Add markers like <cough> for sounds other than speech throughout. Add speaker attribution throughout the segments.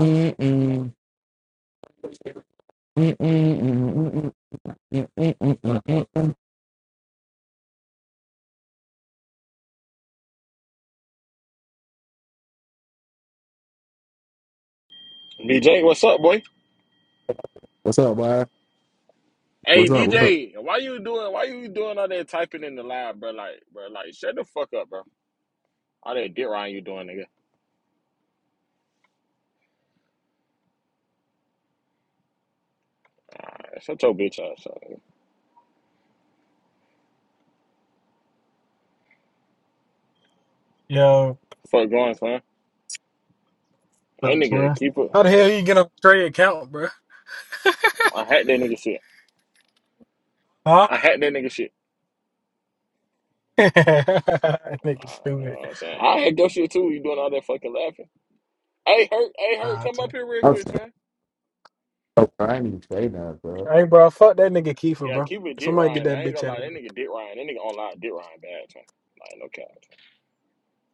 Speaker 1: Mm-mm, mm-mm, mm-mm, mm-mm, mm-mm, mm-mm.
Speaker 2: DJ, what's up, boy?
Speaker 1: What's up, boy?
Speaker 2: Hey
Speaker 1: What's up? What's up?
Speaker 2: DJ, why you doing? Why you doing all that typing in the lab, bro? Like, bro, like, shut the fuck up, bro. All that dick riding you doing, nigga. Like, shut your bitch ass up. Nigga.
Speaker 3: Yo,
Speaker 2: Fuck going, son. That
Speaker 3: what's up,
Speaker 2: nigga,
Speaker 3: man?
Speaker 2: keep it.
Speaker 3: How the hell you get on Trey account, bro?
Speaker 2: I hacked that nigga shit.
Speaker 3: Huh?
Speaker 2: I hacked that nigga shit.
Speaker 3: <laughs> That
Speaker 2: Uh,
Speaker 3: nigga
Speaker 2: you know
Speaker 3: stupid.
Speaker 2: what I'm saying, I hacked your shit too. You doing all that fucking laughing? Hey, hurt. Hey, hurt.
Speaker 3: Nah, it's
Speaker 2: Come up
Speaker 3: all-
Speaker 2: here real
Speaker 4: I'm
Speaker 2: quick,
Speaker 4: sorry,
Speaker 2: son.
Speaker 4: bro. I ain't even say that, bro.
Speaker 3: right. hey, bro, fuck that nigga Kiefer,
Speaker 2: Yeah,
Speaker 3: bro.
Speaker 2: keep it dick
Speaker 3: Somebody get
Speaker 2: riding.
Speaker 3: that
Speaker 2: I ain't
Speaker 3: bitch
Speaker 2: gonna
Speaker 3: out.
Speaker 2: lie, that nigga dick riding. That nigga online dick riding bad, son. Like, no cap.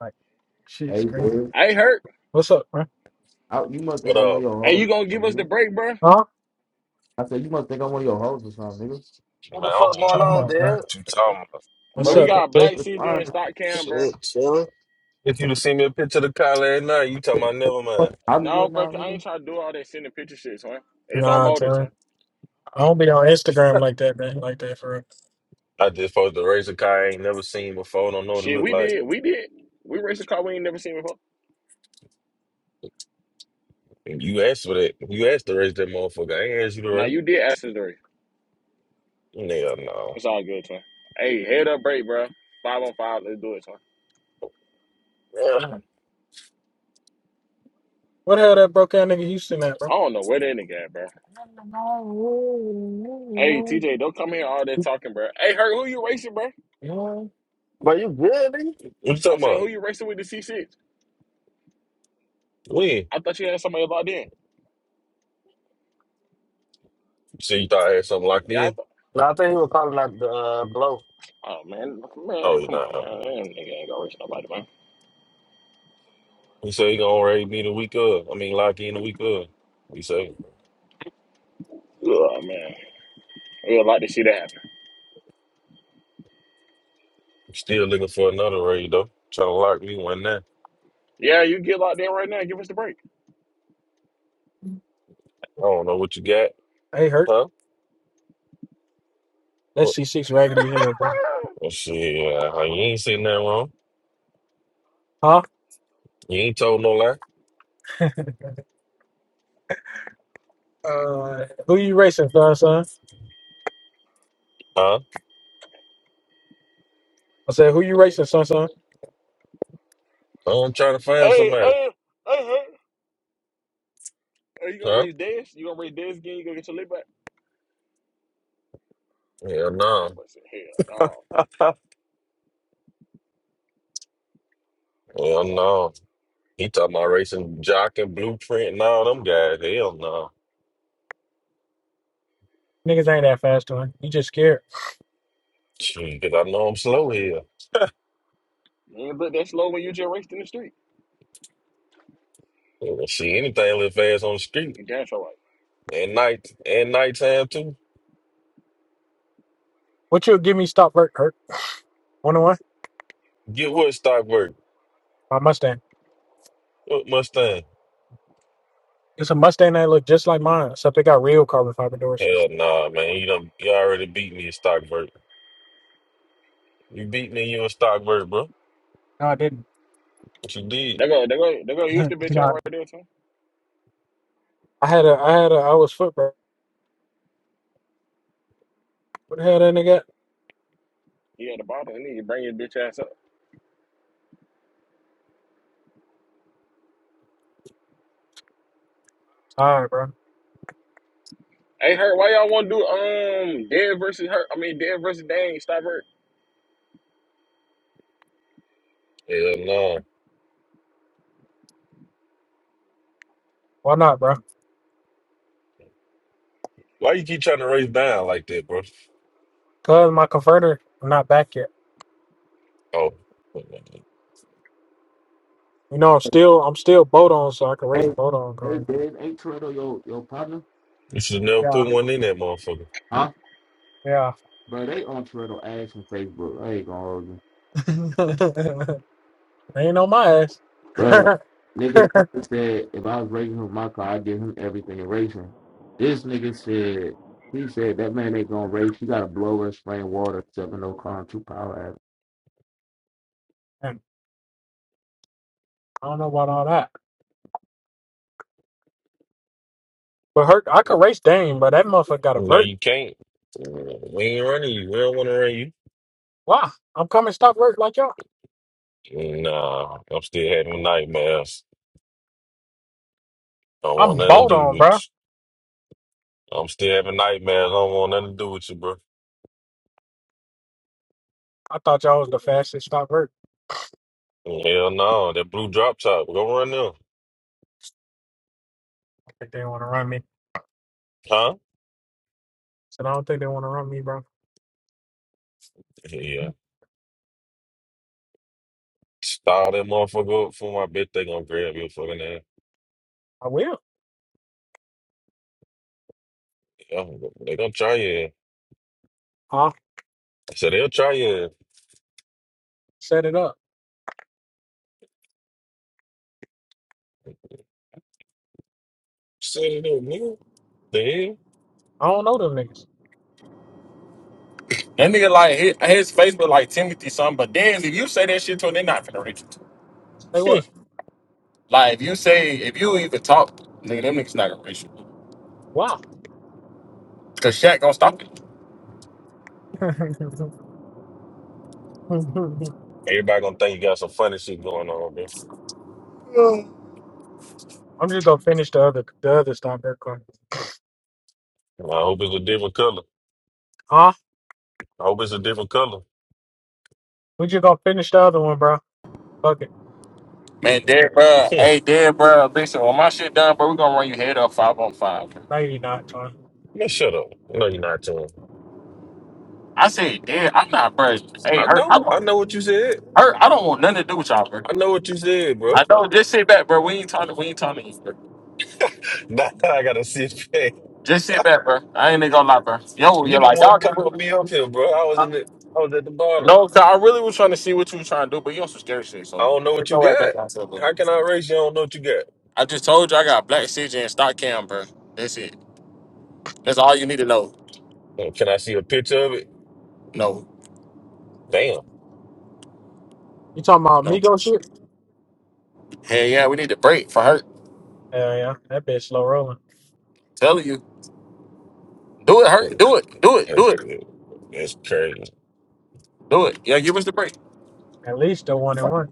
Speaker 3: Like,
Speaker 4: Hey,
Speaker 3: shit's crazy.
Speaker 4: dude.
Speaker 2: Hey, hurt.
Speaker 3: What's up, bro?
Speaker 4: I, you must think
Speaker 5: What
Speaker 4: I'm one of
Speaker 5: up?
Speaker 4: your
Speaker 2: Hey,
Speaker 4: hoes,
Speaker 2: you
Speaker 4: or
Speaker 2: gonna give us
Speaker 4: something,
Speaker 2: the
Speaker 4: nigga.
Speaker 2: break, bro?
Speaker 3: Huh?
Speaker 4: I said, you must think I'm one of your hoes or something, nigga.
Speaker 6: What
Speaker 5: Man, I
Speaker 6: the
Speaker 5: don't
Speaker 6: fuck
Speaker 5: even
Speaker 6: going
Speaker 5: know
Speaker 3: Talking
Speaker 6: on,
Speaker 5: what,
Speaker 3: about, bro.
Speaker 5: what you
Speaker 6: dude?
Speaker 5: talking about.
Speaker 4: You
Speaker 3: What's
Speaker 2: But we
Speaker 4: act
Speaker 3: up,
Speaker 4: like
Speaker 2: got a
Speaker 3: Jay?
Speaker 2: black
Speaker 4: it's
Speaker 2: CJ
Speaker 4: fine.
Speaker 2: and stock cam, bro.
Speaker 6: Shit, chilling.
Speaker 5: If you
Speaker 4: It's
Speaker 5: would seen me a picture of the car last night, you talking about never mind.
Speaker 2: No,
Speaker 4: Hollywood
Speaker 2: bro,
Speaker 4: now,
Speaker 2: I
Speaker 4: nigga.
Speaker 2: ain't trying to do all that sending picture shit, son. It's on
Speaker 3: Nah,
Speaker 2: motors, son.
Speaker 3: son. I don't be on Instagram like that, man. Like that for real.
Speaker 5: I just supposed to race a car I ain't never seen before. Don't know what it
Speaker 2: Shit,
Speaker 5: look
Speaker 2: we
Speaker 5: like.
Speaker 2: did, we did. We raced a car we ain't never seen before.
Speaker 5: And You asked for that. You asked to race that motherfucker. I ain't asked you to
Speaker 2: Now
Speaker 5: race.
Speaker 2: you did ask us to
Speaker 5: Hell no.
Speaker 2: It's all good, son. Hey, head up, break, bro. Five on five, let's do it, son.
Speaker 5: Yeah.
Speaker 3: What the hell that broke out nigga Houston at,
Speaker 2: I
Speaker 3: bro?
Speaker 2: don't know where that nigga at, bro. Hey, TJ, don't come here all that talking, bro. Hey, Hurt, who you racing, bro?
Speaker 6: But you good, nigga?
Speaker 5: What you
Speaker 2: I'm
Speaker 5: talking
Speaker 2: saying
Speaker 5: about?
Speaker 2: who you racing with the C6?
Speaker 5: When? You
Speaker 2: I thought you had somebody locked in.
Speaker 5: said you thought I had something locked
Speaker 2: Yeah, I
Speaker 5: in?
Speaker 2: thought.
Speaker 6: No, I think he was calling out the uh, blow.
Speaker 2: Oh man,
Speaker 5: Oh,
Speaker 2: man,
Speaker 5: you
Speaker 2: come on,
Speaker 5: know.
Speaker 2: man. That nigga ain't gonna race nobody, man.
Speaker 5: You say you gonna raid me the week of. I mean, lock in the week of. You say
Speaker 2: Oh man, we would like to see that happen.
Speaker 5: still looking for another raid though. Trying to lock me one now. I
Speaker 2: Yeah, you get locked in right now. Give us the break.
Speaker 5: don't know what you got,
Speaker 3: Hey, hurt.
Speaker 5: huh?
Speaker 3: That C6 raggedy hair, buddy.
Speaker 2: <laughs>
Speaker 5: Well, shit, uh, you ain't seen that wrong.
Speaker 3: Huh?
Speaker 5: You ain't told no lie.
Speaker 3: <laughs> uh, who you racing, son, son?
Speaker 5: Huh?
Speaker 3: I said, who you racing, son, son?
Speaker 5: I'm trying to find
Speaker 2: Hey,
Speaker 5: somebody.
Speaker 2: hey, hey, hey. Are you gonna
Speaker 5: Huh?
Speaker 2: race Dez? You gonna race Dez again? You gonna get your lip back?
Speaker 5: Hell no.
Speaker 2: I must say, hell no.
Speaker 6: <laughs>
Speaker 5: Hell no. He talking about racing jock and blueprint and all them guys. Hell no.
Speaker 3: Niggas ain't that fast, one. You just scared.
Speaker 5: Shit, 'cause I know I'm slow here.
Speaker 2: You ain't look that slow when you just raced in the street.
Speaker 5: Yeah, See anything live fast on the street.
Speaker 2: You damn sure right.
Speaker 5: At night and nighttime too.
Speaker 3: What you give me? Stop, Vert, Hurt. One on one.
Speaker 5: Get what Stockburg?
Speaker 3: My Mustang.
Speaker 5: What Mustang?
Speaker 3: It's a Mustang that look just like mine, except they got real carbon fiber doors.
Speaker 5: Hell nah, man. You done you already beat me in Stockburg. You beat me, you in Stockburg, bro.
Speaker 3: No, I didn't.
Speaker 5: What you did?
Speaker 2: They go, they go, they go
Speaker 3: <laughs>
Speaker 2: use the bitch out right
Speaker 3: no,
Speaker 2: there too.
Speaker 3: I had a, I had a, I was foot, bro. What the hell that nigga? got?
Speaker 2: He had the bottom and then you bring his bitch ass up.
Speaker 3: All right, bro.
Speaker 2: Hey, hurt. why y'all want to do um Dead versus her? I mean Dead versus Dang. Stop her.
Speaker 5: Hell nah.
Speaker 3: Why not, bro?
Speaker 5: Why you keep trying to race down like that, bro?
Speaker 3: Cause my converter, I'm not back yet.
Speaker 5: Oh, you
Speaker 3: You know, I'm still, I'm still boat on, so I can race
Speaker 4: Hey,
Speaker 3: boat on,
Speaker 4: hey,
Speaker 3: bro.
Speaker 4: dude. Ain't Toretto your, your partner?
Speaker 5: should have never
Speaker 3: Yeah,
Speaker 5: put one in that motherfucker.
Speaker 4: Huh?
Speaker 3: yeah.
Speaker 4: Bro, they on Toretto ass on Facebook. I ain't gonna hold you.
Speaker 3: <laughs> ain't on my ass. <laughs>
Speaker 4: Bro,
Speaker 3: I
Speaker 4: nigga said, if I was racing him in my car, I'd give him everything in racing. This nigga said, he said, that man ain't gonna race. You gotta blow her, spray water, 7 oh car, 2 power ass.
Speaker 3: don't know about all that. But her, I could race Dame, but that motherfucker got a
Speaker 5: No,
Speaker 3: vert.
Speaker 5: you can't. We ain't running you. We don't want to run you.
Speaker 3: Wow, I'm coming stock work like y'all.
Speaker 5: Nah, I'm still having nightmares. Don't want
Speaker 3: I'm
Speaker 5: nothing to
Speaker 3: bold
Speaker 5: do with
Speaker 3: on, bro.
Speaker 5: you. I'm still having nightmares. Don't want nothing to do with you, bro.
Speaker 3: I thought y'all was the fastest stock work.
Speaker 5: Hell no, that blue drop top. Go run them.
Speaker 3: I think they want to run me.
Speaker 5: Huh?
Speaker 3: Said I don't think they want to run me, bro.
Speaker 5: Yeah. Style that motherfucker up for my bitch. They gonna grab your fucking ass.
Speaker 3: I will.
Speaker 5: Yeah, They gonna try you. I
Speaker 3: I'll
Speaker 5: said, they'll try you.
Speaker 3: set it up.
Speaker 5: Set it up, nigga. The
Speaker 3: I don't know them niggas.
Speaker 2: That nigga like his, his Facebook like Timothy something, but then if you say that shit to him, they're not finna reach you.
Speaker 3: Say
Speaker 5: hell?
Speaker 3: what?
Speaker 2: Like if you say if you even talk, nigga, them niggas not gonna reach you.
Speaker 3: Wow.
Speaker 2: Cause Shaq gonna stop it.
Speaker 3: <laughs> I'm
Speaker 5: <laughs> Everybody gonna think you got some funny shit going on, bro.
Speaker 3: just gonna finish the other the other stock work one.
Speaker 5: I hope it's a different color.
Speaker 3: Huh?
Speaker 5: I hope it's a different color.
Speaker 3: We just gonna finish the other one, bro. Fuck it.
Speaker 2: Man, dead bro.
Speaker 5: Hmm.
Speaker 2: Hey, dead bro. Listen, when my shit done, bro, we gonna run your head up five on five. Bro.
Speaker 3: No, you not, Tony.
Speaker 5: Man, shut up. No, you're not telling.
Speaker 2: I said, dead. I'm not, bro. Hey,
Speaker 5: I
Speaker 2: her, I
Speaker 5: know.
Speaker 2: don't,
Speaker 5: I know what you said.
Speaker 2: her, I don't want nothing to do with y'all, bro.
Speaker 5: I know what you said, bro.
Speaker 2: I
Speaker 5: <laughs>
Speaker 2: know. Just sit back, bro. We ain't talking. We ain't talking to you, bro.
Speaker 5: Now I gotta sit back.
Speaker 2: Just sit back, bro. I ain't even gonna lie, bro. Yo,
Speaker 5: You
Speaker 2: you're
Speaker 5: the
Speaker 2: like
Speaker 5: one
Speaker 2: y'all.
Speaker 5: called me up here, bro. I was in the. I was at the bottom.
Speaker 2: No, 'cause I really was trying to see what you were trying to do, but you on some scary shit,
Speaker 5: I
Speaker 2: so
Speaker 5: don't know
Speaker 2: get
Speaker 5: what you
Speaker 2: your ass
Speaker 5: got.
Speaker 2: back outside,
Speaker 5: How
Speaker 2: bro.
Speaker 5: can I race? You I don't know what you got.
Speaker 2: I just told you I got black CJ and stock cam, bro. That's it. That's all you need to know.
Speaker 5: Uh, Can I see a picture of it?
Speaker 2: No,
Speaker 5: Damn.
Speaker 3: You talking about
Speaker 2: no.
Speaker 3: Migo shit?
Speaker 2: Hell yeah, we need to break for her.
Speaker 3: Hell yeah. That bitch slow rolling.
Speaker 2: Telling you. Do it,
Speaker 5: Uh,
Speaker 2: hurt. Do it. Do it. Do
Speaker 5: That's
Speaker 2: it.
Speaker 5: that's crazy.
Speaker 2: Do it. Yeah, give us the break.
Speaker 3: At least the one and one.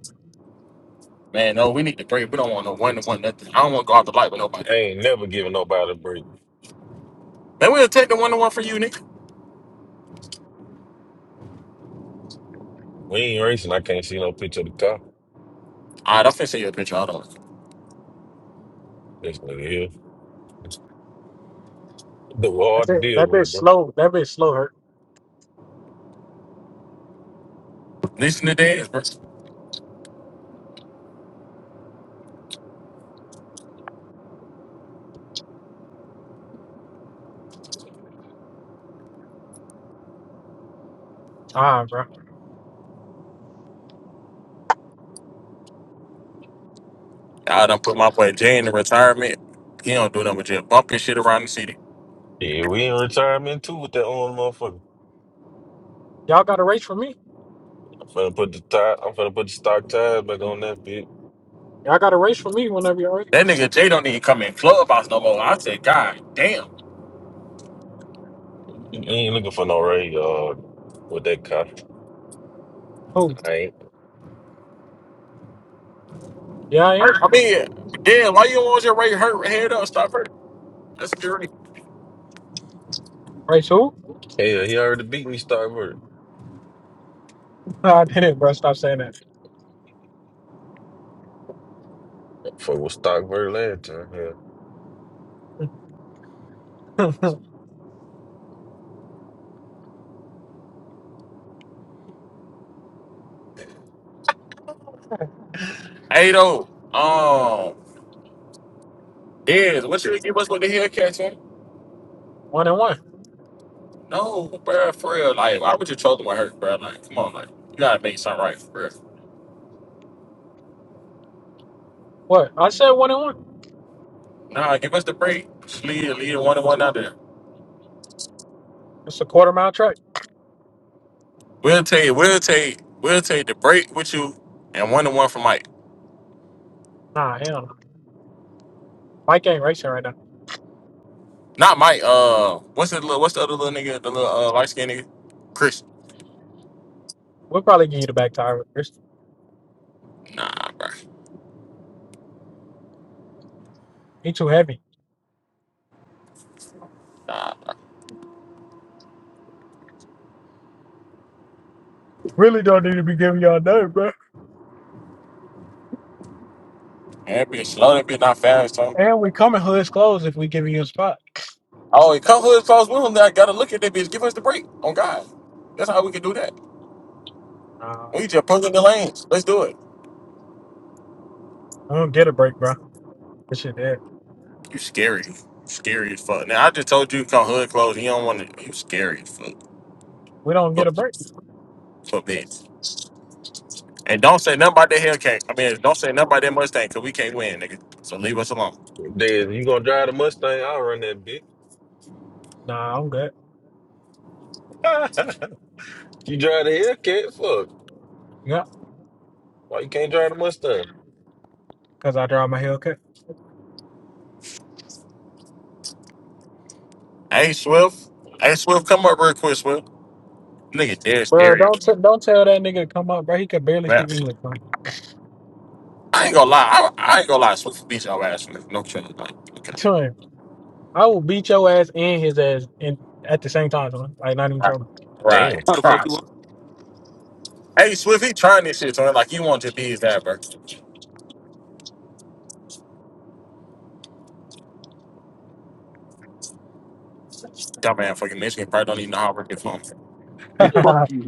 Speaker 2: Man, no, we need the break. We don't want no one to one nothing. I don't want to go out the light with nobody.
Speaker 5: I ain't never giving nobody a break.
Speaker 2: Man, we'll take the one to one for you, nigga.
Speaker 5: We ain't racing. I can't see no picture of the car.
Speaker 2: All right, I'm finna send you a picture. Hold on.
Speaker 5: This nigga here. The
Speaker 3: That
Speaker 5: hard to
Speaker 3: bitch,
Speaker 5: deal
Speaker 3: that
Speaker 5: with,
Speaker 3: bitch
Speaker 5: bro.
Speaker 3: slow. That bitch slow hurt.
Speaker 2: Listen to dance, bro.
Speaker 3: All right, bro.
Speaker 2: I done put my boy Jay in the retirement. He don't do nothing but just bumping shit around the city.
Speaker 5: Yeah, we in retirement too with that old motherfucker.
Speaker 3: Y'all got a race for me?
Speaker 5: I'm finna put the tie. I'm finna put the stock tires back on that bitch.
Speaker 3: Y'all got a race for me whenever you're ready.
Speaker 2: That nigga Jay don't even come in clubhouse no more. I said, God damn.
Speaker 5: You ain't looking for no raise, dog. With that cop,
Speaker 3: Who?
Speaker 5: I ain't.
Speaker 3: yeah, I am.
Speaker 2: Hurt. I mean, damn, why you don't want your rate hurt head up? Stop hurt. That's a good rate.
Speaker 3: Race who?
Speaker 5: Hell, he already beat me, Stockbird.
Speaker 3: No, I didn't, bro. Stop saying that.
Speaker 5: Fuck with Stockbird last time. Yeah,
Speaker 3: <laughs>
Speaker 2: Hey, though. Um, Dez, what you give us with the Hellcats, man?
Speaker 3: one and one.
Speaker 2: No, bro, for real. Like, why would you trolling with her, bro? Like, come on, like, you gotta make something right, for real.
Speaker 3: What? I said one and one.
Speaker 2: Nah, give us the break. Just lead, lead a one to one out there.
Speaker 3: It's a quarter mile track.
Speaker 2: We'll take, we'll take, we'll take the break with you, and one to one for Mike.
Speaker 3: Nah, hell no. Mike ain't racing right now.
Speaker 2: Not Mike. Uh, what's the little, what's the other little nigga, the little uh, light skinned nigga, Chris?
Speaker 3: We'll probably give you the back tire. It's,
Speaker 2: Nah, bro.
Speaker 3: he too heavy.
Speaker 2: Nah, man,
Speaker 3: Really don't need to be giving y'all nothing, bro.
Speaker 2: that bitch slow. That bitch not fast, son.
Speaker 3: And we coming hood's closed if we giving you a spot.
Speaker 2: Oh, it come hood close with him. That I gotta look at that bitch. Give us the break. On God, that's how we can do that.
Speaker 3: Nah,
Speaker 2: We just pushing the lanes. Let's do it.
Speaker 3: I don't get a break, bro. This shit dead.
Speaker 2: You scary. Scary as fuck. Now I just told you come hood clothes. You don't want to. You scary as fuck.
Speaker 3: We don't get
Speaker 2: Fuck,
Speaker 3: a break.
Speaker 2: fuck bitch. And don't say nothing about that Hellcat. I mean, don't say nothing about that Mustang because we can't win, nigga. So leave us alone.
Speaker 5: Dad, you gonna drive the Mustang? I'll run that bitch.
Speaker 3: Nah, I'm good.
Speaker 5: <laughs> you drive the Hellcat? Fuck.
Speaker 3: Yeah,
Speaker 5: Why you can't drive the Mustang?
Speaker 3: cause I drive my Hellcat.
Speaker 2: Hey Swift. Hey Swift, come up real quick, Swift. Nigga, dead
Speaker 3: Bro,
Speaker 2: scary. as
Speaker 3: don't t- don't tell that nigga to come up, bro. He can barely speak
Speaker 2: fuck.
Speaker 3: English, bro.
Speaker 2: I ain't gonna lie. I, I ain't gonna lie. Swift beat your ass, nigga. No chance. Like,
Speaker 3: <laughs>
Speaker 2: okay.
Speaker 3: Tell him. I will beat your ass and his ass in at the same time, son. Like not even
Speaker 2: Right.
Speaker 3: trouble.
Speaker 5: Damn.
Speaker 2: Right.
Speaker 7: How the fuck you
Speaker 2: Christ.
Speaker 7: want?
Speaker 2: Hey Swift, he trying this shit, so like he want to be his dad, bro. Dumb man, fucking Michigan probably don't even know how to work your phone.
Speaker 3: <laughs>
Speaker 7: <laughs> And Fuck you.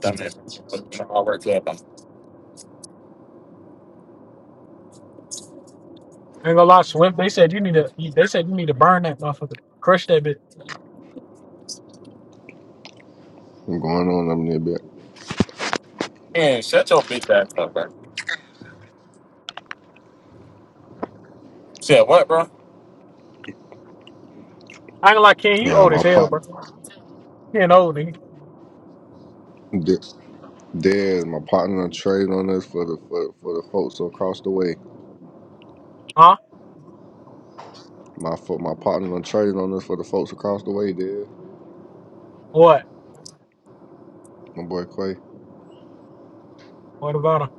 Speaker 2: Dumb man, fucking don't know how to work club.
Speaker 3: ain't gonna lie, Swift. They said you need to. They said you need to burn that motherfucker, crush that bitch.
Speaker 8: What's going on up there, bit?
Speaker 2: Man, shut your bitch ass up, bro. Said what, bro?
Speaker 3: I ain't gonna lie, Ken. You
Speaker 8: Yeah,
Speaker 3: old
Speaker 8: my
Speaker 3: as hell,
Speaker 8: partner,
Speaker 3: bro. You ain't old, nigga.
Speaker 8: De- Dez, my partner done traded on us for the for, for the folks across the way.
Speaker 3: Huh?
Speaker 8: My fo- my partner done traded on us for the folks across the way, Dez.
Speaker 3: What?
Speaker 8: My boy Quay,
Speaker 3: What about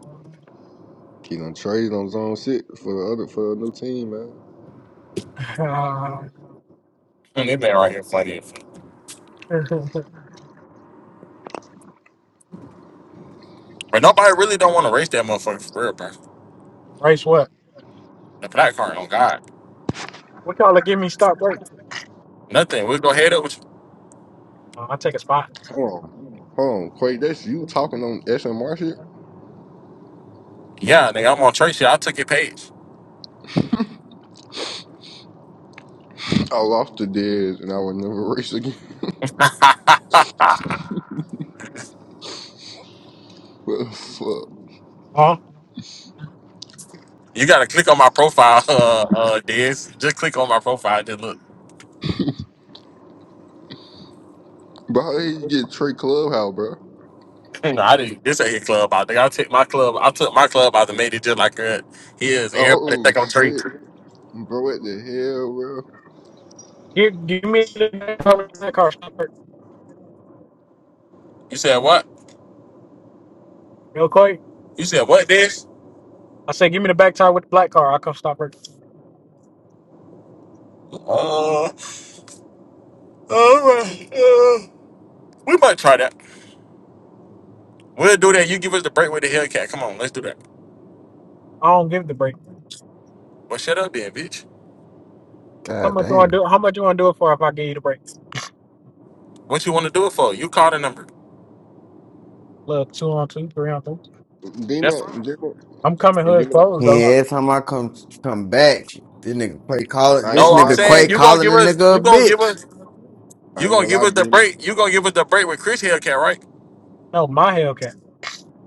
Speaker 8: he done traded on his own shit for the other for a new team, man.
Speaker 3: him?
Speaker 2: Man, This man right here funny.
Speaker 3: <laughs>
Speaker 2: But nobody really don't want to race that motherfucker for real, bro.
Speaker 3: Race what?
Speaker 2: The black card on God.
Speaker 3: What y'all give me stop work?
Speaker 2: Nothing. We'll go head up with you.
Speaker 3: Uh, I take a spot.
Speaker 8: Hold on, hold on, Quay, that's you talking on SMR shit.
Speaker 2: Yeah, nigga, I'm on Tracy. I took your page.
Speaker 8: I lost to Dez and I would never race again. <laughs> What the fuck,
Speaker 3: Huh?
Speaker 2: You gotta click on my profile, <laughs> uh uh Diz. Just click on my profile, just look.
Speaker 8: bro? How did you get Trey Clubhouse, bro?
Speaker 2: <laughs> no, I didn't this ain't his club out. Nigga, I took my club, I took my club out and made it just like uh his. Everybody
Speaker 8: Oh
Speaker 2: think I'm Tracy.
Speaker 8: shit, bro, what the hell, bro?
Speaker 3: Give, give me the back tire with the black car. Stop work.
Speaker 2: You said what?
Speaker 3: Real quick.
Speaker 2: You said what, Diz?
Speaker 3: I say, give me the back tire with the black car. I come stop work.
Speaker 2: Uh, uh, uh, we might try that. We'll do that. You give us the break with the Hellcat. Come on, let's do that.
Speaker 3: I don't give the break.
Speaker 2: Well, shut up then, bitch.
Speaker 3: How
Speaker 9: God
Speaker 3: much you wanna
Speaker 9: damn.
Speaker 3: do? How much you wanna do it for if I give you the break?
Speaker 2: What you want to do it for? You call the number.
Speaker 3: Look, two on two, three on three.
Speaker 2: That's fine.
Speaker 8: D-Mac,
Speaker 3: I'm coming
Speaker 8: Well,
Speaker 3: hood
Speaker 8: Demon, I ain't
Speaker 3: clothes
Speaker 9: Yeah,
Speaker 8: gonna
Speaker 3: though.
Speaker 8: lie.
Speaker 9: every time I come come back, this nigga Quay calling
Speaker 8: I ain't
Speaker 9: this
Speaker 2: No,
Speaker 8: gonna
Speaker 2: I'm
Speaker 8: lie,
Speaker 9: nigga Quay
Speaker 2: saying
Speaker 8: Demon.
Speaker 2: you gonna
Speaker 9: calling
Speaker 2: give
Speaker 9: the
Speaker 2: us.
Speaker 9: nigga a
Speaker 2: You gonna give
Speaker 9: bitch.
Speaker 2: us.
Speaker 8: I
Speaker 2: You
Speaker 8: ain't
Speaker 2: gonna
Speaker 8: gonna
Speaker 2: give
Speaker 8: lie,
Speaker 2: us the
Speaker 8: Demon.
Speaker 2: break. You gonna give us the break with Chris Hellcat, right?
Speaker 3: No, my Hellcat.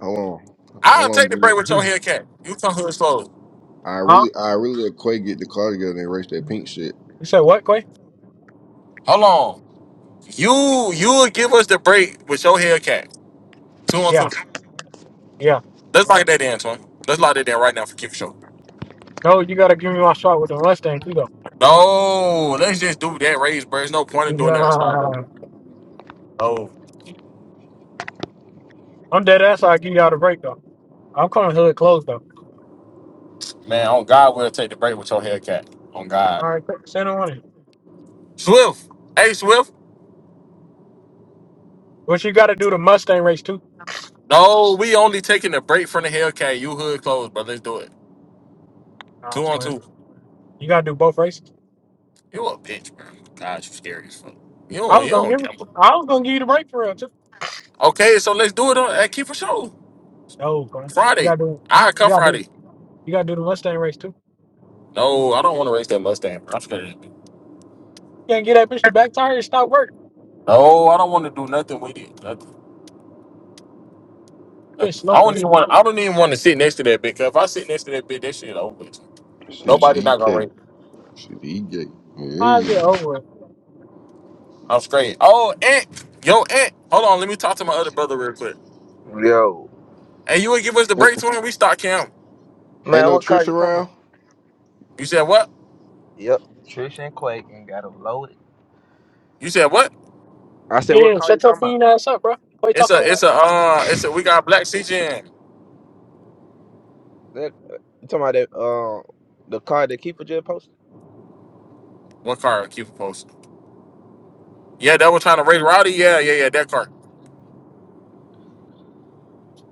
Speaker 8: Hold on.
Speaker 2: I'll
Speaker 8: Hold on,
Speaker 2: take the break
Speaker 8: Demon.
Speaker 2: with your Hellcat. You come here slow.
Speaker 8: I
Speaker 3: Huh?
Speaker 8: really I really let Quay get the car together and erase that pink shit.
Speaker 3: You said what, Quay?
Speaker 2: Hold on. You you'll give us the break with your Hellcat. Two on two.
Speaker 3: Yeah, yeah.
Speaker 2: Let's lock that in, Antoine. Let's lock that in right now for keep show.
Speaker 3: No, you gotta give me my shot with the Mustang too though. <laughs>
Speaker 2: No, let's just do that raise, bro. There's no point in doing that. Stop.
Speaker 3: Yeah.
Speaker 2: Oh
Speaker 3: I'm dead ass. I give y'all the break though. I'm coming hood clothes though.
Speaker 2: man, on God, we'll take the break with your Hellcat. On God.
Speaker 3: All right, quick, send them on it.
Speaker 2: Swift. Hey, Swift.
Speaker 3: But you gotta do the Mustang race too.
Speaker 2: No, we only taking a break from the Hellcat. You hood clothes, bro. Let's do it.
Speaker 3: Nah, I
Speaker 2: Two on
Speaker 3: swear.
Speaker 2: two.
Speaker 3: You gotta do both races.
Speaker 2: You a bitch, bro. God, you scary as fuck. You
Speaker 3: I
Speaker 2: don't, you
Speaker 3: was gonna
Speaker 2: don't
Speaker 3: give it.
Speaker 2: gamble.
Speaker 3: I was gonna give you the break for real too.
Speaker 2: Okay, so let's do it on at Keeper Show
Speaker 3: No, Clay. You
Speaker 2: Friday.
Speaker 3: gotta do.
Speaker 2: I
Speaker 3: You
Speaker 2: come
Speaker 3: gotta do.
Speaker 2: Friday.
Speaker 3: You gotta do the Mustang race too.
Speaker 2: No, I don't want to race that Mustang, bro. I'm scared. of that bitch.
Speaker 3: You can't get that bitch the back tire and stop working.
Speaker 2: No, I don't want to do nothing with it. Nothing.
Speaker 3: Bitch
Speaker 2: nothing. I
Speaker 3: slow, bro.
Speaker 2: don't even want. I don't even want to sit next to that bitch. 'cause If I sit next to that bitch, that shit over. with.
Speaker 8: Shit
Speaker 2: Nobody not gonna
Speaker 8: DK.
Speaker 2: race.
Speaker 8: Shit DK.
Speaker 3: How's it
Speaker 8: Yeah.
Speaker 3: over? with?
Speaker 2: I'm straight. Oh, aunt, yo, aunt. Hold on. Let me talk to my other brother real quick.
Speaker 10: Yo,
Speaker 2: And you would give us the
Speaker 8: Ain't,
Speaker 2: breakthrough and we start camp.
Speaker 8: ain't
Speaker 10: man,
Speaker 8: no
Speaker 10: what car
Speaker 8: Trish
Speaker 10: you talking
Speaker 8: around?
Speaker 10: about?
Speaker 2: You said what?
Speaker 10: Yep, Trish and Quake ain't got a load. it.
Speaker 2: You said what?
Speaker 10: I said, what
Speaker 3: Yeah,
Speaker 10: car you
Speaker 3: shut your
Speaker 10: talking about?
Speaker 3: fiend ass up, bro. Quit
Speaker 2: It's a
Speaker 3: talking about.
Speaker 2: it's a uh it's a we got a black CGM.
Speaker 10: That, you talking about that? Uh, the car that Keeper just posted.
Speaker 2: What car keep posted? Yeah, that was trying to race Rowdy. Yeah, yeah, yeah, that car.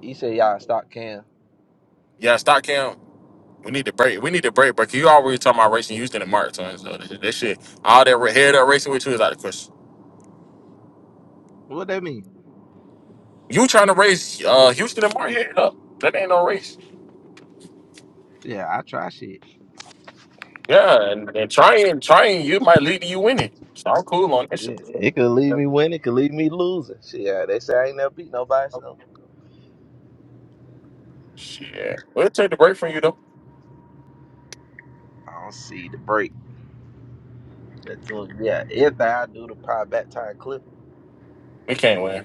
Speaker 10: He said, y'all stop Cam.
Speaker 2: Yeah, stock cam. We need to break. We need to break, but you already talking about racing Houston and Martin. So that, that shit, all that re- head up racing with you is out of question.
Speaker 10: What that mean?
Speaker 2: You trying to race uh, Houston and Martin head up? That ain't no race.
Speaker 10: Yeah, I try shit.
Speaker 2: Yeah, and, and trying, trying, you might lead to you winning. So I'm cool on that shit.
Speaker 10: Yeah, It could leave me winning, it could leave me losing. Shit, yeah, they say I ain't never beat nobody, so
Speaker 2: Shit, we'll take the break from you though.
Speaker 10: I don't see the break. That's what, yeah, everything I do to pie back time clip.
Speaker 2: We can't win.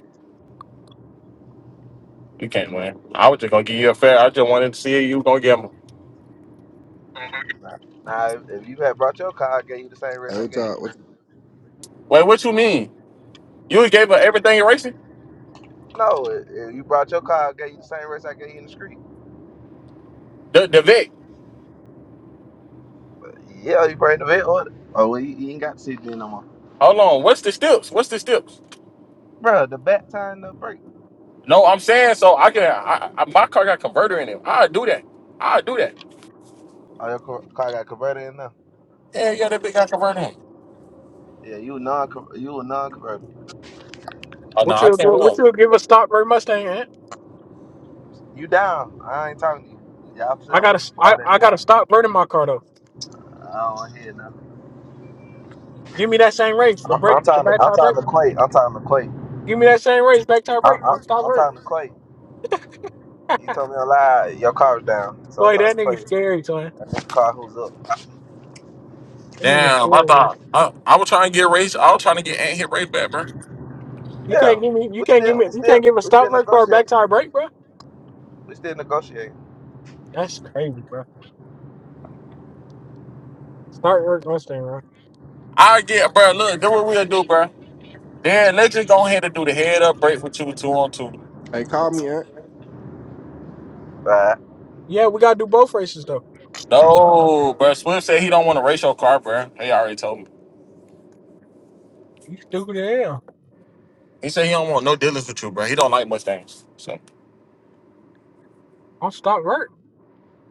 Speaker 2: You can't win. I was just gonna give you a fair. I just wanted to see if you were gonna give him.
Speaker 10: Now, now, if, if you had brought your car, I gave you the same race
Speaker 8: Hey,
Speaker 10: I
Speaker 8: what's
Speaker 10: gave you.
Speaker 8: up?
Speaker 10: in the
Speaker 8: What's
Speaker 10: street.
Speaker 2: Wait, what you mean? You gave her everything in racing?
Speaker 10: No, if if you brought your car, I gave you the same race I gave you in the street.
Speaker 2: The the Vic.
Speaker 10: Yeah, you bring the vet order. Oh, well, you, you ain't got the CG no more.
Speaker 2: Hold on. What's the steps? What's the steps?
Speaker 10: Bro, the back tie and the brake.
Speaker 2: No, I'm saying so. I can. I, I my car got converter in it. I do that. I do that.
Speaker 10: Oh, your car car got converted in there.
Speaker 2: Yeah, yeah, that big got converter in. it.
Speaker 10: Yeah, you a non you a non converter.
Speaker 2: Oh no,
Speaker 3: What
Speaker 2: I
Speaker 3: you
Speaker 2: can't
Speaker 3: go- what
Speaker 2: win.
Speaker 3: you give a stock Bird Mustang? eh?
Speaker 10: You down. I ain't talking to you. Yeah, I'm, saying
Speaker 3: I
Speaker 10: I'm picking
Speaker 3: gotta
Speaker 10: the car
Speaker 3: I,
Speaker 10: that
Speaker 3: I gotta
Speaker 10: down.
Speaker 3: stop burning my car though.
Speaker 10: I don't want to hear nothing.
Speaker 3: Give me that same race, the
Speaker 10: I'm,
Speaker 3: brake,
Speaker 10: I'm
Speaker 3: the
Speaker 10: talking. To,
Speaker 3: back
Speaker 10: I'm
Speaker 3: tire brake.
Speaker 10: talking to Clay. I'm talking to Clay.
Speaker 3: Give me that same race, back tire brake.
Speaker 10: I'm,
Speaker 3: I'm
Speaker 10: I'm,
Speaker 3: stop
Speaker 10: I'm
Speaker 3: work.
Speaker 10: talking to Clay. You told me a lie. Your car was down, so I'm
Speaker 3: Boy,
Speaker 10: talking
Speaker 3: that
Speaker 10: to Clay.
Speaker 3: nigga's scary, son.
Speaker 10: That nigga car who's up.
Speaker 3: That nigga's
Speaker 2: Damn, I
Speaker 3: cool, man.
Speaker 2: thought I, I was trying to get race. I was trying to get Ant hit race back, bro.
Speaker 3: You
Speaker 10: Yeah,
Speaker 3: can't give me you
Speaker 10: we
Speaker 3: can't give
Speaker 10: still,
Speaker 3: me
Speaker 10: we
Speaker 3: you can't
Speaker 10: still,
Speaker 3: give a
Speaker 10: we
Speaker 3: stop
Speaker 10: still
Speaker 3: work car a back
Speaker 10: negotiating.
Speaker 3: tire brake, bro.
Speaker 10: We still negotiating.
Speaker 3: That's crazy, bro. Start work Mustang, bro.
Speaker 2: I get, bro. Look, do what we'll do, bro. Then let's just go ahead and do the head up break with you two on two.
Speaker 8: Hey, call me, Aunt.
Speaker 10: All
Speaker 3: Yeah, we gotta do both races though.
Speaker 2: No,
Speaker 10: Right.
Speaker 2: bro. Slim said he don't want a racial car, bro. He already told me.
Speaker 3: You stupid as hell.
Speaker 2: He said he don't want no dealings with you, bro. He don't like Mustangs, so
Speaker 3: I'm stop work.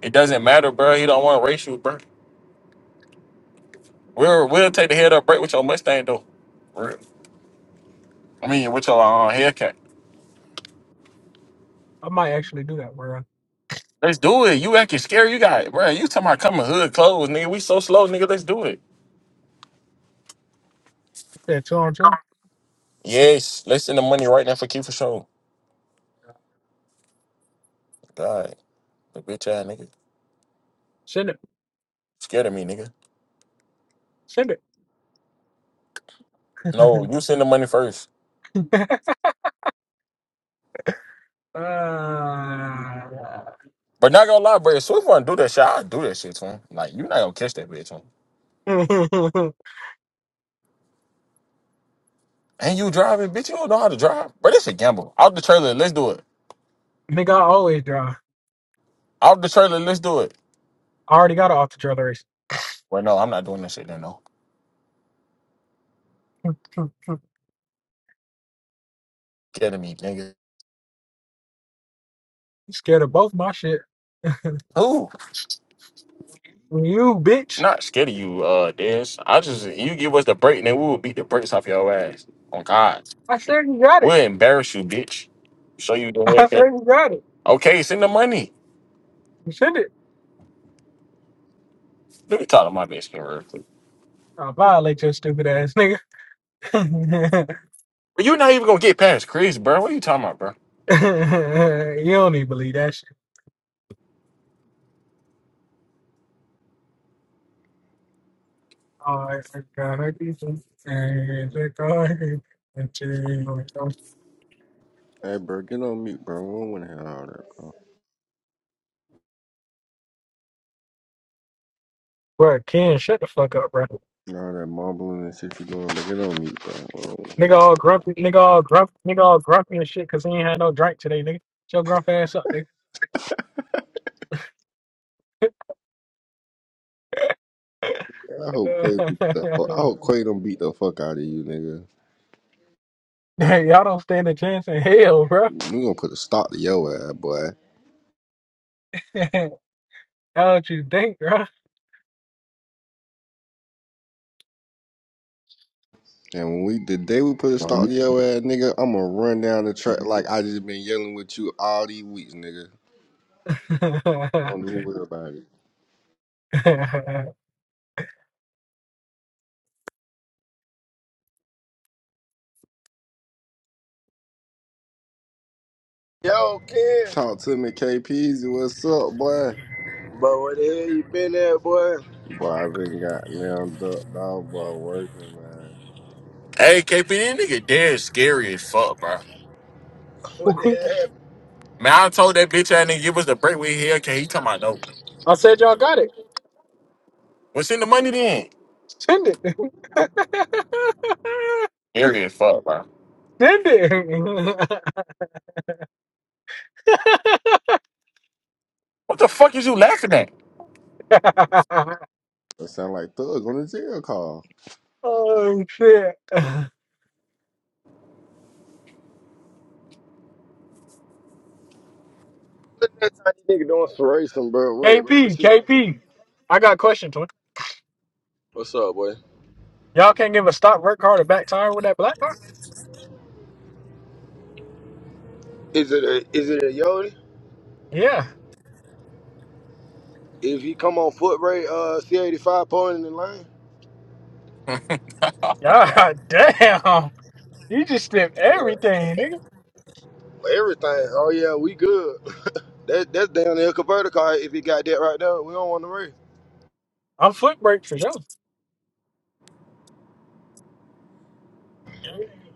Speaker 2: it doesn't matter, bro. He don't want a racial, bro. We'll we'll take the head up break with your Mustang though. For real. I mean, with your uh, haircut.
Speaker 3: I might actually do that, bro.
Speaker 2: Let's do it. You acting scary. You got it, bro. You talking about coming hood clothes, nigga. We so slow, nigga. Let's do it.
Speaker 3: Yeah, two on two.
Speaker 2: Yes, let's send the money right now for Key for sure. God, the bitch ass nigga
Speaker 3: Send it.
Speaker 2: scared of me, nigga.
Speaker 3: Send
Speaker 2: No,
Speaker 3: it.
Speaker 2: you send the money first.
Speaker 3: <laughs> uh,
Speaker 2: But not gonna lie, bro, if Swift wanna do that shit, I'll do that shit to him. Like, you're not gonna catch that bitch, him.
Speaker 3: <laughs> Nigga,
Speaker 2: And you driving, bitch, you don't know how to drive. But it's a gamble. Out the trailer, let's do it.
Speaker 3: I always draw.
Speaker 2: Out the trailer, let's do it.
Speaker 3: I already got an off the trailer race.
Speaker 2: Well, no, I'm not doing that shit then, no.
Speaker 3: <laughs> you
Speaker 2: Scared of me, nigga.
Speaker 3: scared of both my shit. <laughs>
Speaker 2: Who?
Speaker 3: You bitch.
Speaker 2: Not scared of you, uh, Dez. I just, you give us the break, then we will beat the brakes off your ass. On God.
Speaker 3: I said you got
Speaker 2: We'll
Speaker 3: it.
Speaker 2: embarrass you, bitch. Show you the
Speaker 3: <laughs> I said
Speaker 2: haircut.
Speaker 3: you got it.
Speaker 2: Okay, send the money.
Speaker 3: You send it.
Speaker 2: Let me talk to my bitch real quick.
Speaker 3: I'll violate your stupid ass nigga. <laughs>
Speaker 2: But you're not even gonna get past Chris, bro. What are you talking about, bro?
Speaker 3: you don't even believe that shit. <laughs> Oh, it's a kind of decent thing, it's a kind of thing.
Speaker 8: Hey, bro, get on mute, bro. We don't want to hear all that, bro.
Speaker 3: Bro, Ken, shut the fuck up, bro.
Speaker 8: All that mumbling and shit you doing, but get on mute, bro. We don't want to hear
Speaker 3: Nigga
Speaker 8: that
Speaker 3: all
Speaker 8: shit,
Speaker 3: grumpy, nigga all grumpy, nigga all grumpy and shit, cause he ain't had no drink today, nigga. Shut your grump ass up,
Speaker 8: bro. I hope Quay beat the
Speaker 3: nigga.
Speaker 8: fuck.
Speaker 3: <laughs>
Speaker 8: I hope Quay don't beat the fuck out of you, nigga.
Speaker 3: <laughs> Y'all don't stand a chance in hell, bro.
Speaker 8: We gonna put a stop to your ass, boy.
Speaker 3: <laughs> How would you think, bro?
Speaker 8: And when we the day we put a stop to your ass, nigga, I'ma run down the track like I just been yelling with you all these weeks, nigga.
Speaker 3: <laughs>
Speaker 8: Don't do worry about it.
Speaker 11: Yo, Ken.
Speaker 8: Talk to me, KPZ. What's up, boy?
Speaker 11: Bro, where the hell you been at, boy? <laughs>
Speaker 8: Boy, i been goddamn ducked off, boy, working, man.
Speaker 2: Hey, KP, this nigga dead scary as fuck, bro.
Speaker 11: What the hell?
Speaker 2: Man, I told that bitch I didn't give us the break with here. Can he talking about no?
Speaker 3: I said y'all got it.
Speaker 2: What's in the money then?
Speaker 3: Send it. <laughs>
Speaker 2: Scary as fuck, bro.
Speaker 3: Send it.
Speaker 2: What the fuck is you laughing at?
Speaker 3: <laughs>
Speaker 8: That sound like thugs on a jail call.
Speaker 3: oh shit.
Speaker 11: What that tiny nigga doing for racing, bro? Wait, bro, this
Speaker 3: KP,
Speaker 11: shit doesn't.
Speaker 3: KP. I got a question, twin.
Speaker 11: What's up, boy?
Speaker 3: Y'all can't give a stop work card or back tire with that black car?
Speaker 11: Is it a is it a Yodi?
Speaker 3: Yeah.
Speaker 11: If he come on foot rate, uh, C eighty five point in the lane.
Speaker 3: God <laughs> damn. You just did
Speaker 11: What?
Speaker 3: everything, nigga.
Speaker 11: Everything. Oh yeah, we good. <laughs> that that's down there converter car. If he got that right there, we don't want to race.
Speaker 3: I'm foot brake for sure.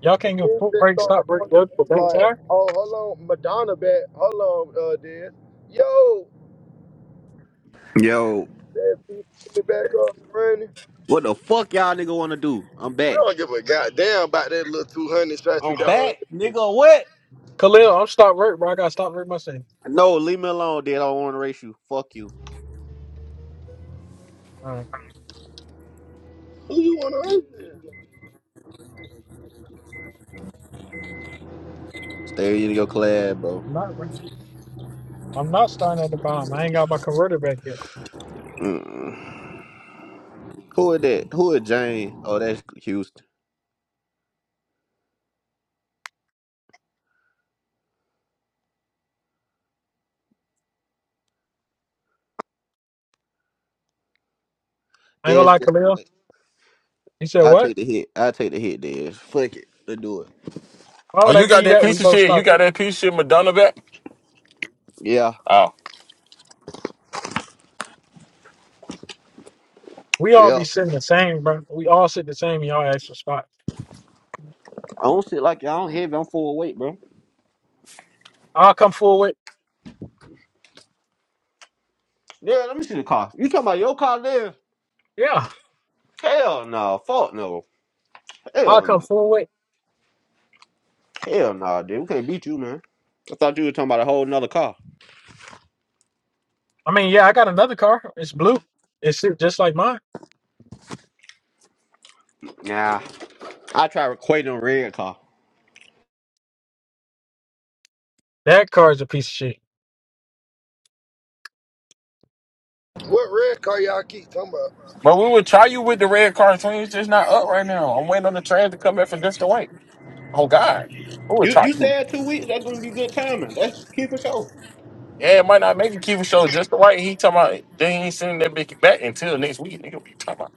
Speaker 3: Y'all
Speaker 11: The
Speaker 3: can't give
Speaker 11: kids
Speaker 3: foot
Speaker 11: just
Speaker 3: brake,
Speaker 11: started
Speaker 3: stop work
Speaker 11: doing this
Speaker 3: left, or
Speaker 11: shit
Speaker 3: back
Speaker 11: like,
Speaker 3: tire.
Speaker 11: oh, hold on, Madonna back, hold on, uh, dear. Yo,
Speaker 12: Yo,
Speaker 11: that piece of shit back up and running.
Speaker 12: what the fuck y'all nigga wanna do? I'm
Speaker 11: We
Speaker 12: back.
Speaker 11: don't give a goddamn about that little 200 stripes you
Speaker 12: I'm
Speaker 11: got on.
Speaker 12: back, nigga. What?
Speaker 3: Khalil, I'm stopped work, bro. I gotta stop work myself.
Speaker 12: No, leave me alone, dude. I don't wanna race you. Fuck you.
Speaker 3: All right.
Speaker 11: Who you want to hurt?
Speaker 12: Stay in your class, bro.
Speaker 3: I'm not I'm not starting at the bottom. I ain't got my converter back yet.
Speaker 12: Mm-mm. Who is that? Who is Jane? Oh, that's Houston.
Speaker 3: I ain't gonna
Speaker 12: That's
Speaker 3: lie,
Speaker 12: just the
Speaker 3: Khalil.
Speaker 12: way.
Speaker 3: He said,
Speaker 12: i
Speaker 3: What?
Speaker 12: take the hit. i take the hit, Dez. Fuck it. Let's do it.
Speaker 3: Why
Speaker 2: Oh,
Speaker 3: would I
Speaker 2: you
Speaker 3: give
Speaker 2: got
Speaker 3: you
Speaker 2: that
Speaker 3: that? We
Speaker 2: piece of
Speaker 3: both
Speaker 2: shit. You
Speaker 3: stop
Speaker 2: got
Speaker 3: work.
Speaker 2: that piece of shit Madonna back?
Speaker 12: Yeah.
Speaker 2: Oh.
Speaker 3: We all be
Speaker 12: Yeah.
Speaker 3: sitting the same, bro. We all sit the same in y'all extra spot.
Speaker 12: I don't sit like y'all. I'm heavy. I'm full of weight, bro.
Speaker 3: I'll come forward.
Speaker 12: Yeah, let me see the car. You talking about your car, Dez?
Speaker 3: Yeah.
Speaker 12: Hell no. Fuck no.
Speaker 3: I'll
Speaker 12: Hell
Speaker 3: come
Speaker 12: no.
Speaker 3: forward.
Speaker 12: Hell no, dude. We can't beat you, man. I thought you were talking about a whole nother car.
Speaker 3: I mean, yeah, I got another car. It's blue. It's shaped just like mine.
Speaker 12: Yeah. I try recording on red car.
Speaker 3: That car is a piece of shit.
Speaker 11: What red car y'all keep talking about?
Speaker 2: But we would try you with the red car twin. It's just not up right now. I'm waiting on the train to come back from just the white. Oh God. We would
Speaker 12: You
Speaker 2: try
Speaker 12: you
Speaker 2: you.
Speaker 12: said two weeks. That's gonna be good timing. That's key for sure.
Speaker 2: Yeah, it might not make it Kiva show just the white. He talking about they ain't sending that bitch back until next week. Nigga, what you talking about?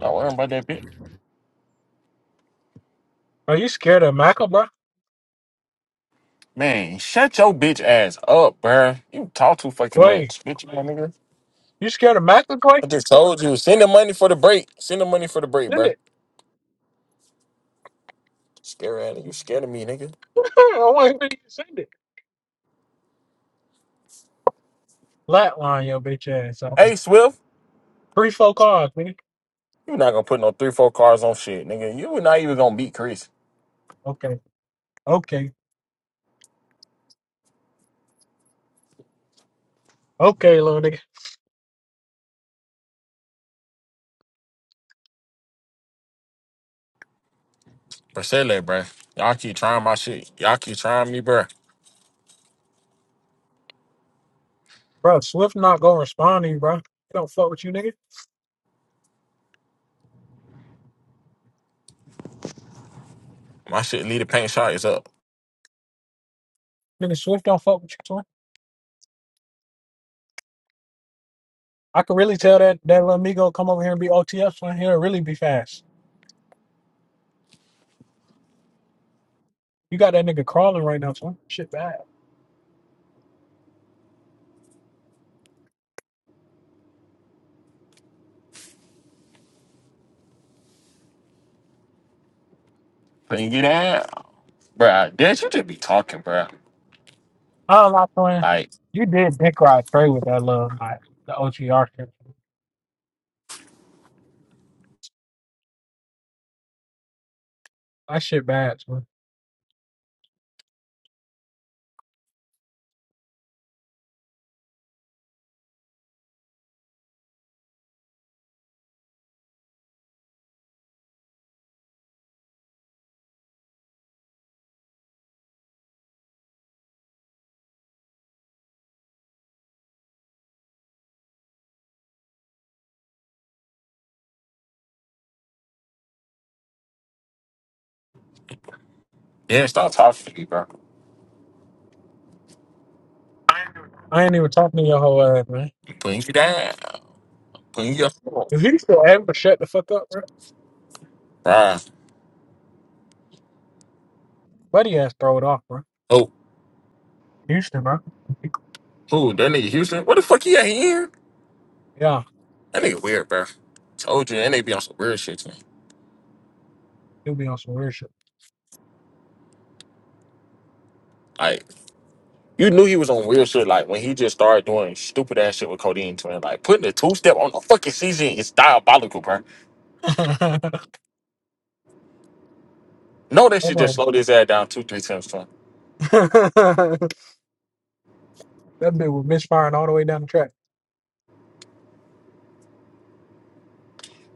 Speaker 2: Don't worry about that bitch.
Speaker 3: Are you scared of Mackle, bro?
Speaker 2: Man, shut your bitch ass up, bruh. You talk too fucking
Speaker 3: Quay.
Speaker 2: much, bitch ass nigga.
Speaker 3: You scared of Mackle, Quay?
Speaker 2: I just told you, send the money for the break. Send the money for the break,
Speaker 3: Send
Speaker 2: bruh.
Speaker 3: it.
Speaker 2: Scary ass, nigga. you scared of me, nigga.
Speaker 3: <laughs> I want to send it. Flatline your bitch ass out
Speaker 2: Hey,
Speaker 3: there.
Speaker 2: Swift,
Speaker 3: Three, four cars, man.
Speaker 2: you not gonna put no three, four cars on shit, nigga. You not even gonna beat Chris.
Speaker 3: Okay, okay, okay, little nigga.
Speaker 2: Bracele, bruh. Y'all keep trying my shit. Y'all keep trying me, bruh.
Speaker 3: Bro, Swift not gonna respond to you, bro. He don't fuck with you, nigga.
Speaker 2: My shit, lead the paint shot is up.
Speaker 3: Nigga, Swift don't fuck with you, son. I can really tell that that little amigo come over here and be OTF, son. He'll really be fast. You got that nigga crawling right now, son. Shit bad.
Speaker 2: Can you get out? Bruh, Dad, you just be talking, bruh.
Speaker 3: I don't like playing.
Speaker 2: Like,
Speaker 3: You did dick ride straight with that little, like, the OTR shit. That shit bad, son.
Speaker 2: yeah, stop talking to me, bruh.
Speaker 3: I ain't even talking to your whole ass, man.
Speaker 2: Putting you down. Putting you
Speaker 3: If he still able to shut the fuck up, bro,
Speaker 2: up.
Speaker 3: buddy ass throw it off, bro.
Speaker 2: Bruh.
Speaker 3: Houston, bro.
Speaker 2: Who? That nigga Houston? What the fuck he at here?
Speaker 3: Yeah,
Speaker 2: That nigga weird, bro. Told you, and they be on some weird shit to me.
Speaker 3: he'll be on some weird shit.
Speaker 2: Like, you knew he was on weird shit, like, when he just started doing stupid ass shit with Codeine Twin. Like, putting a two step on the fucking season is diabolical, bro.
Speaker 3: <laughs> Hold
Speaker 2: No, that shit just
Speaker 3: on.
Speaker 2: slowed his ass down two, three times, twin.
Speaker 3: <laughs> that bit was misfiring all the way down the track.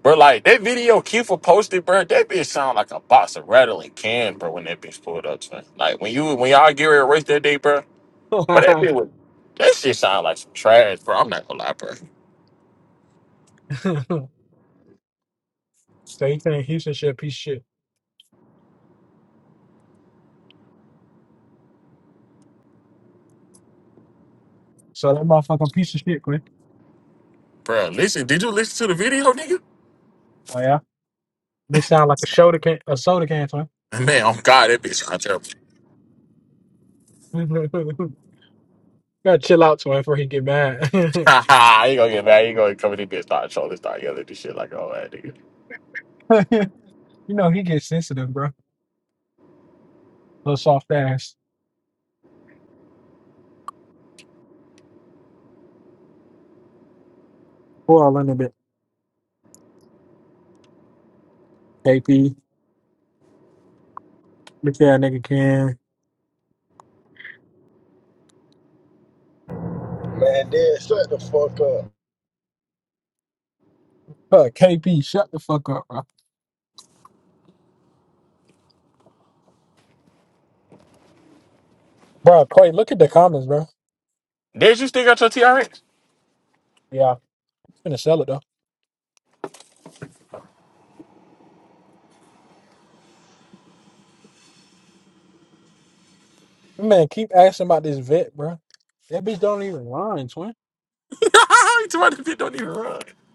Speaker 2: Bro, like, that video Kiefer posted, bro, that bitch sound like a box of rattling can, bro, when that bitch pulled up, twin. Like, when you, when y'all get ready to race that day, bro, but that bitch was, that shit sound like some trash, bro. I'm not gonna lie, bro.
Speaker 3: <laughs> so he think Houston shit a piece of shit. So that motherfucking piece of shit, Quinn.
Speaker 2: Bro, listen, did you listen to the video, nigga?
Speaker 3: Oh yeah. Bitch sound like a soda can a soda can, twin.
Speaker 2: <laughs> Man, oh God, that bitch got terrible. <laughs>
Speaker 3: <laughs> Gotta chill out, twin, before he get mad. <laughs>
Speaker 2: Ha ha, he gonna get mad. He gonna come in this bitch, start trolling, start yelling this shit like, oh, man, nigga.
Speaker 3: you know he gets sensitive, bro. Little soft ass. Who all in a bit? KP. Look at that nigga can.
Speaker 11: Man, dead, shut the fuck up.
Speaker 3: Fuck KP, shut the fuck up, bro. Bro, Quay, look at the comments, bro.
Speaker 2: Did you still got your TRX?
Speaker 3: Yeah. Finna sell it though. Man, keep asking about this vet, bro. That bitch don't even line, twin.
Speaker 2: <laughs> you told me that bitch <laughs> don't even run.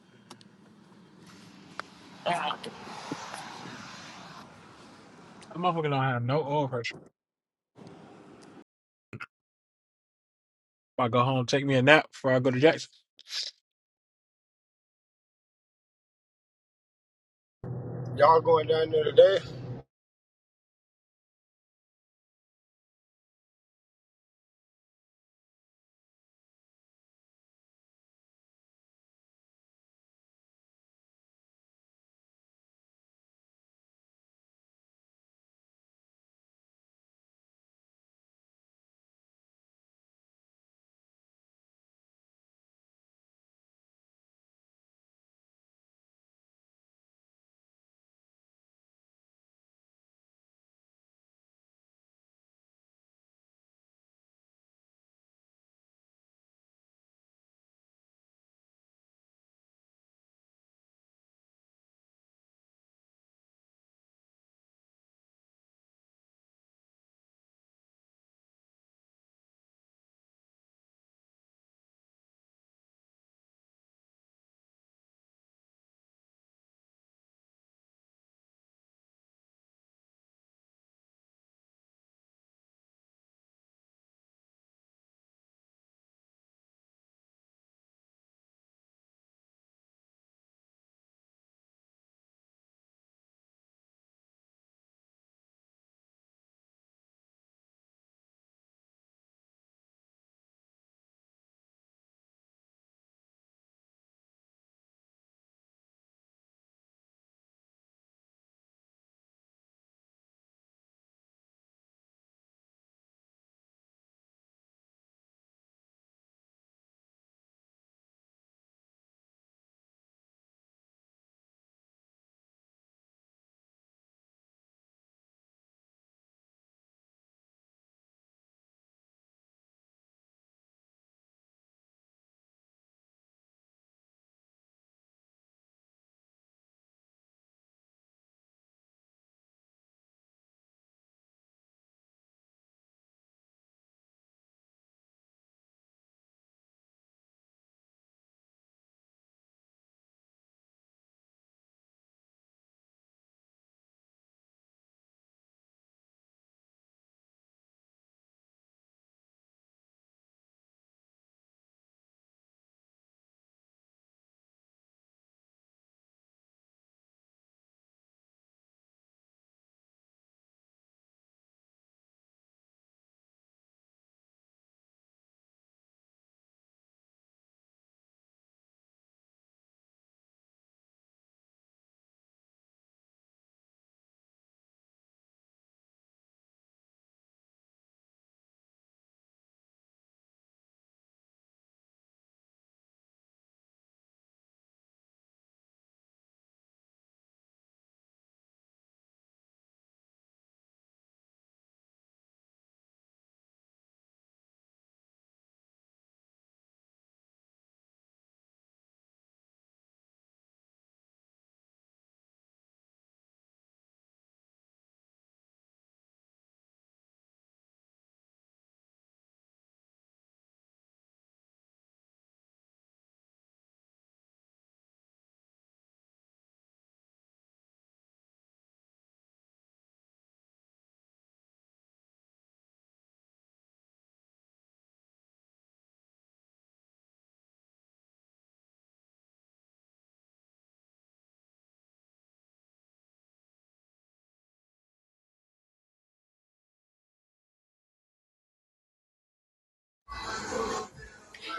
Speaker 3: That motherfucker don't have no oil pressure. If I go home, take me a nap before I go to Jackson.
Speaker 11: Y'all going down there today?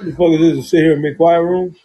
Speaker 13: The fuck is this? Sit here and make quiet room?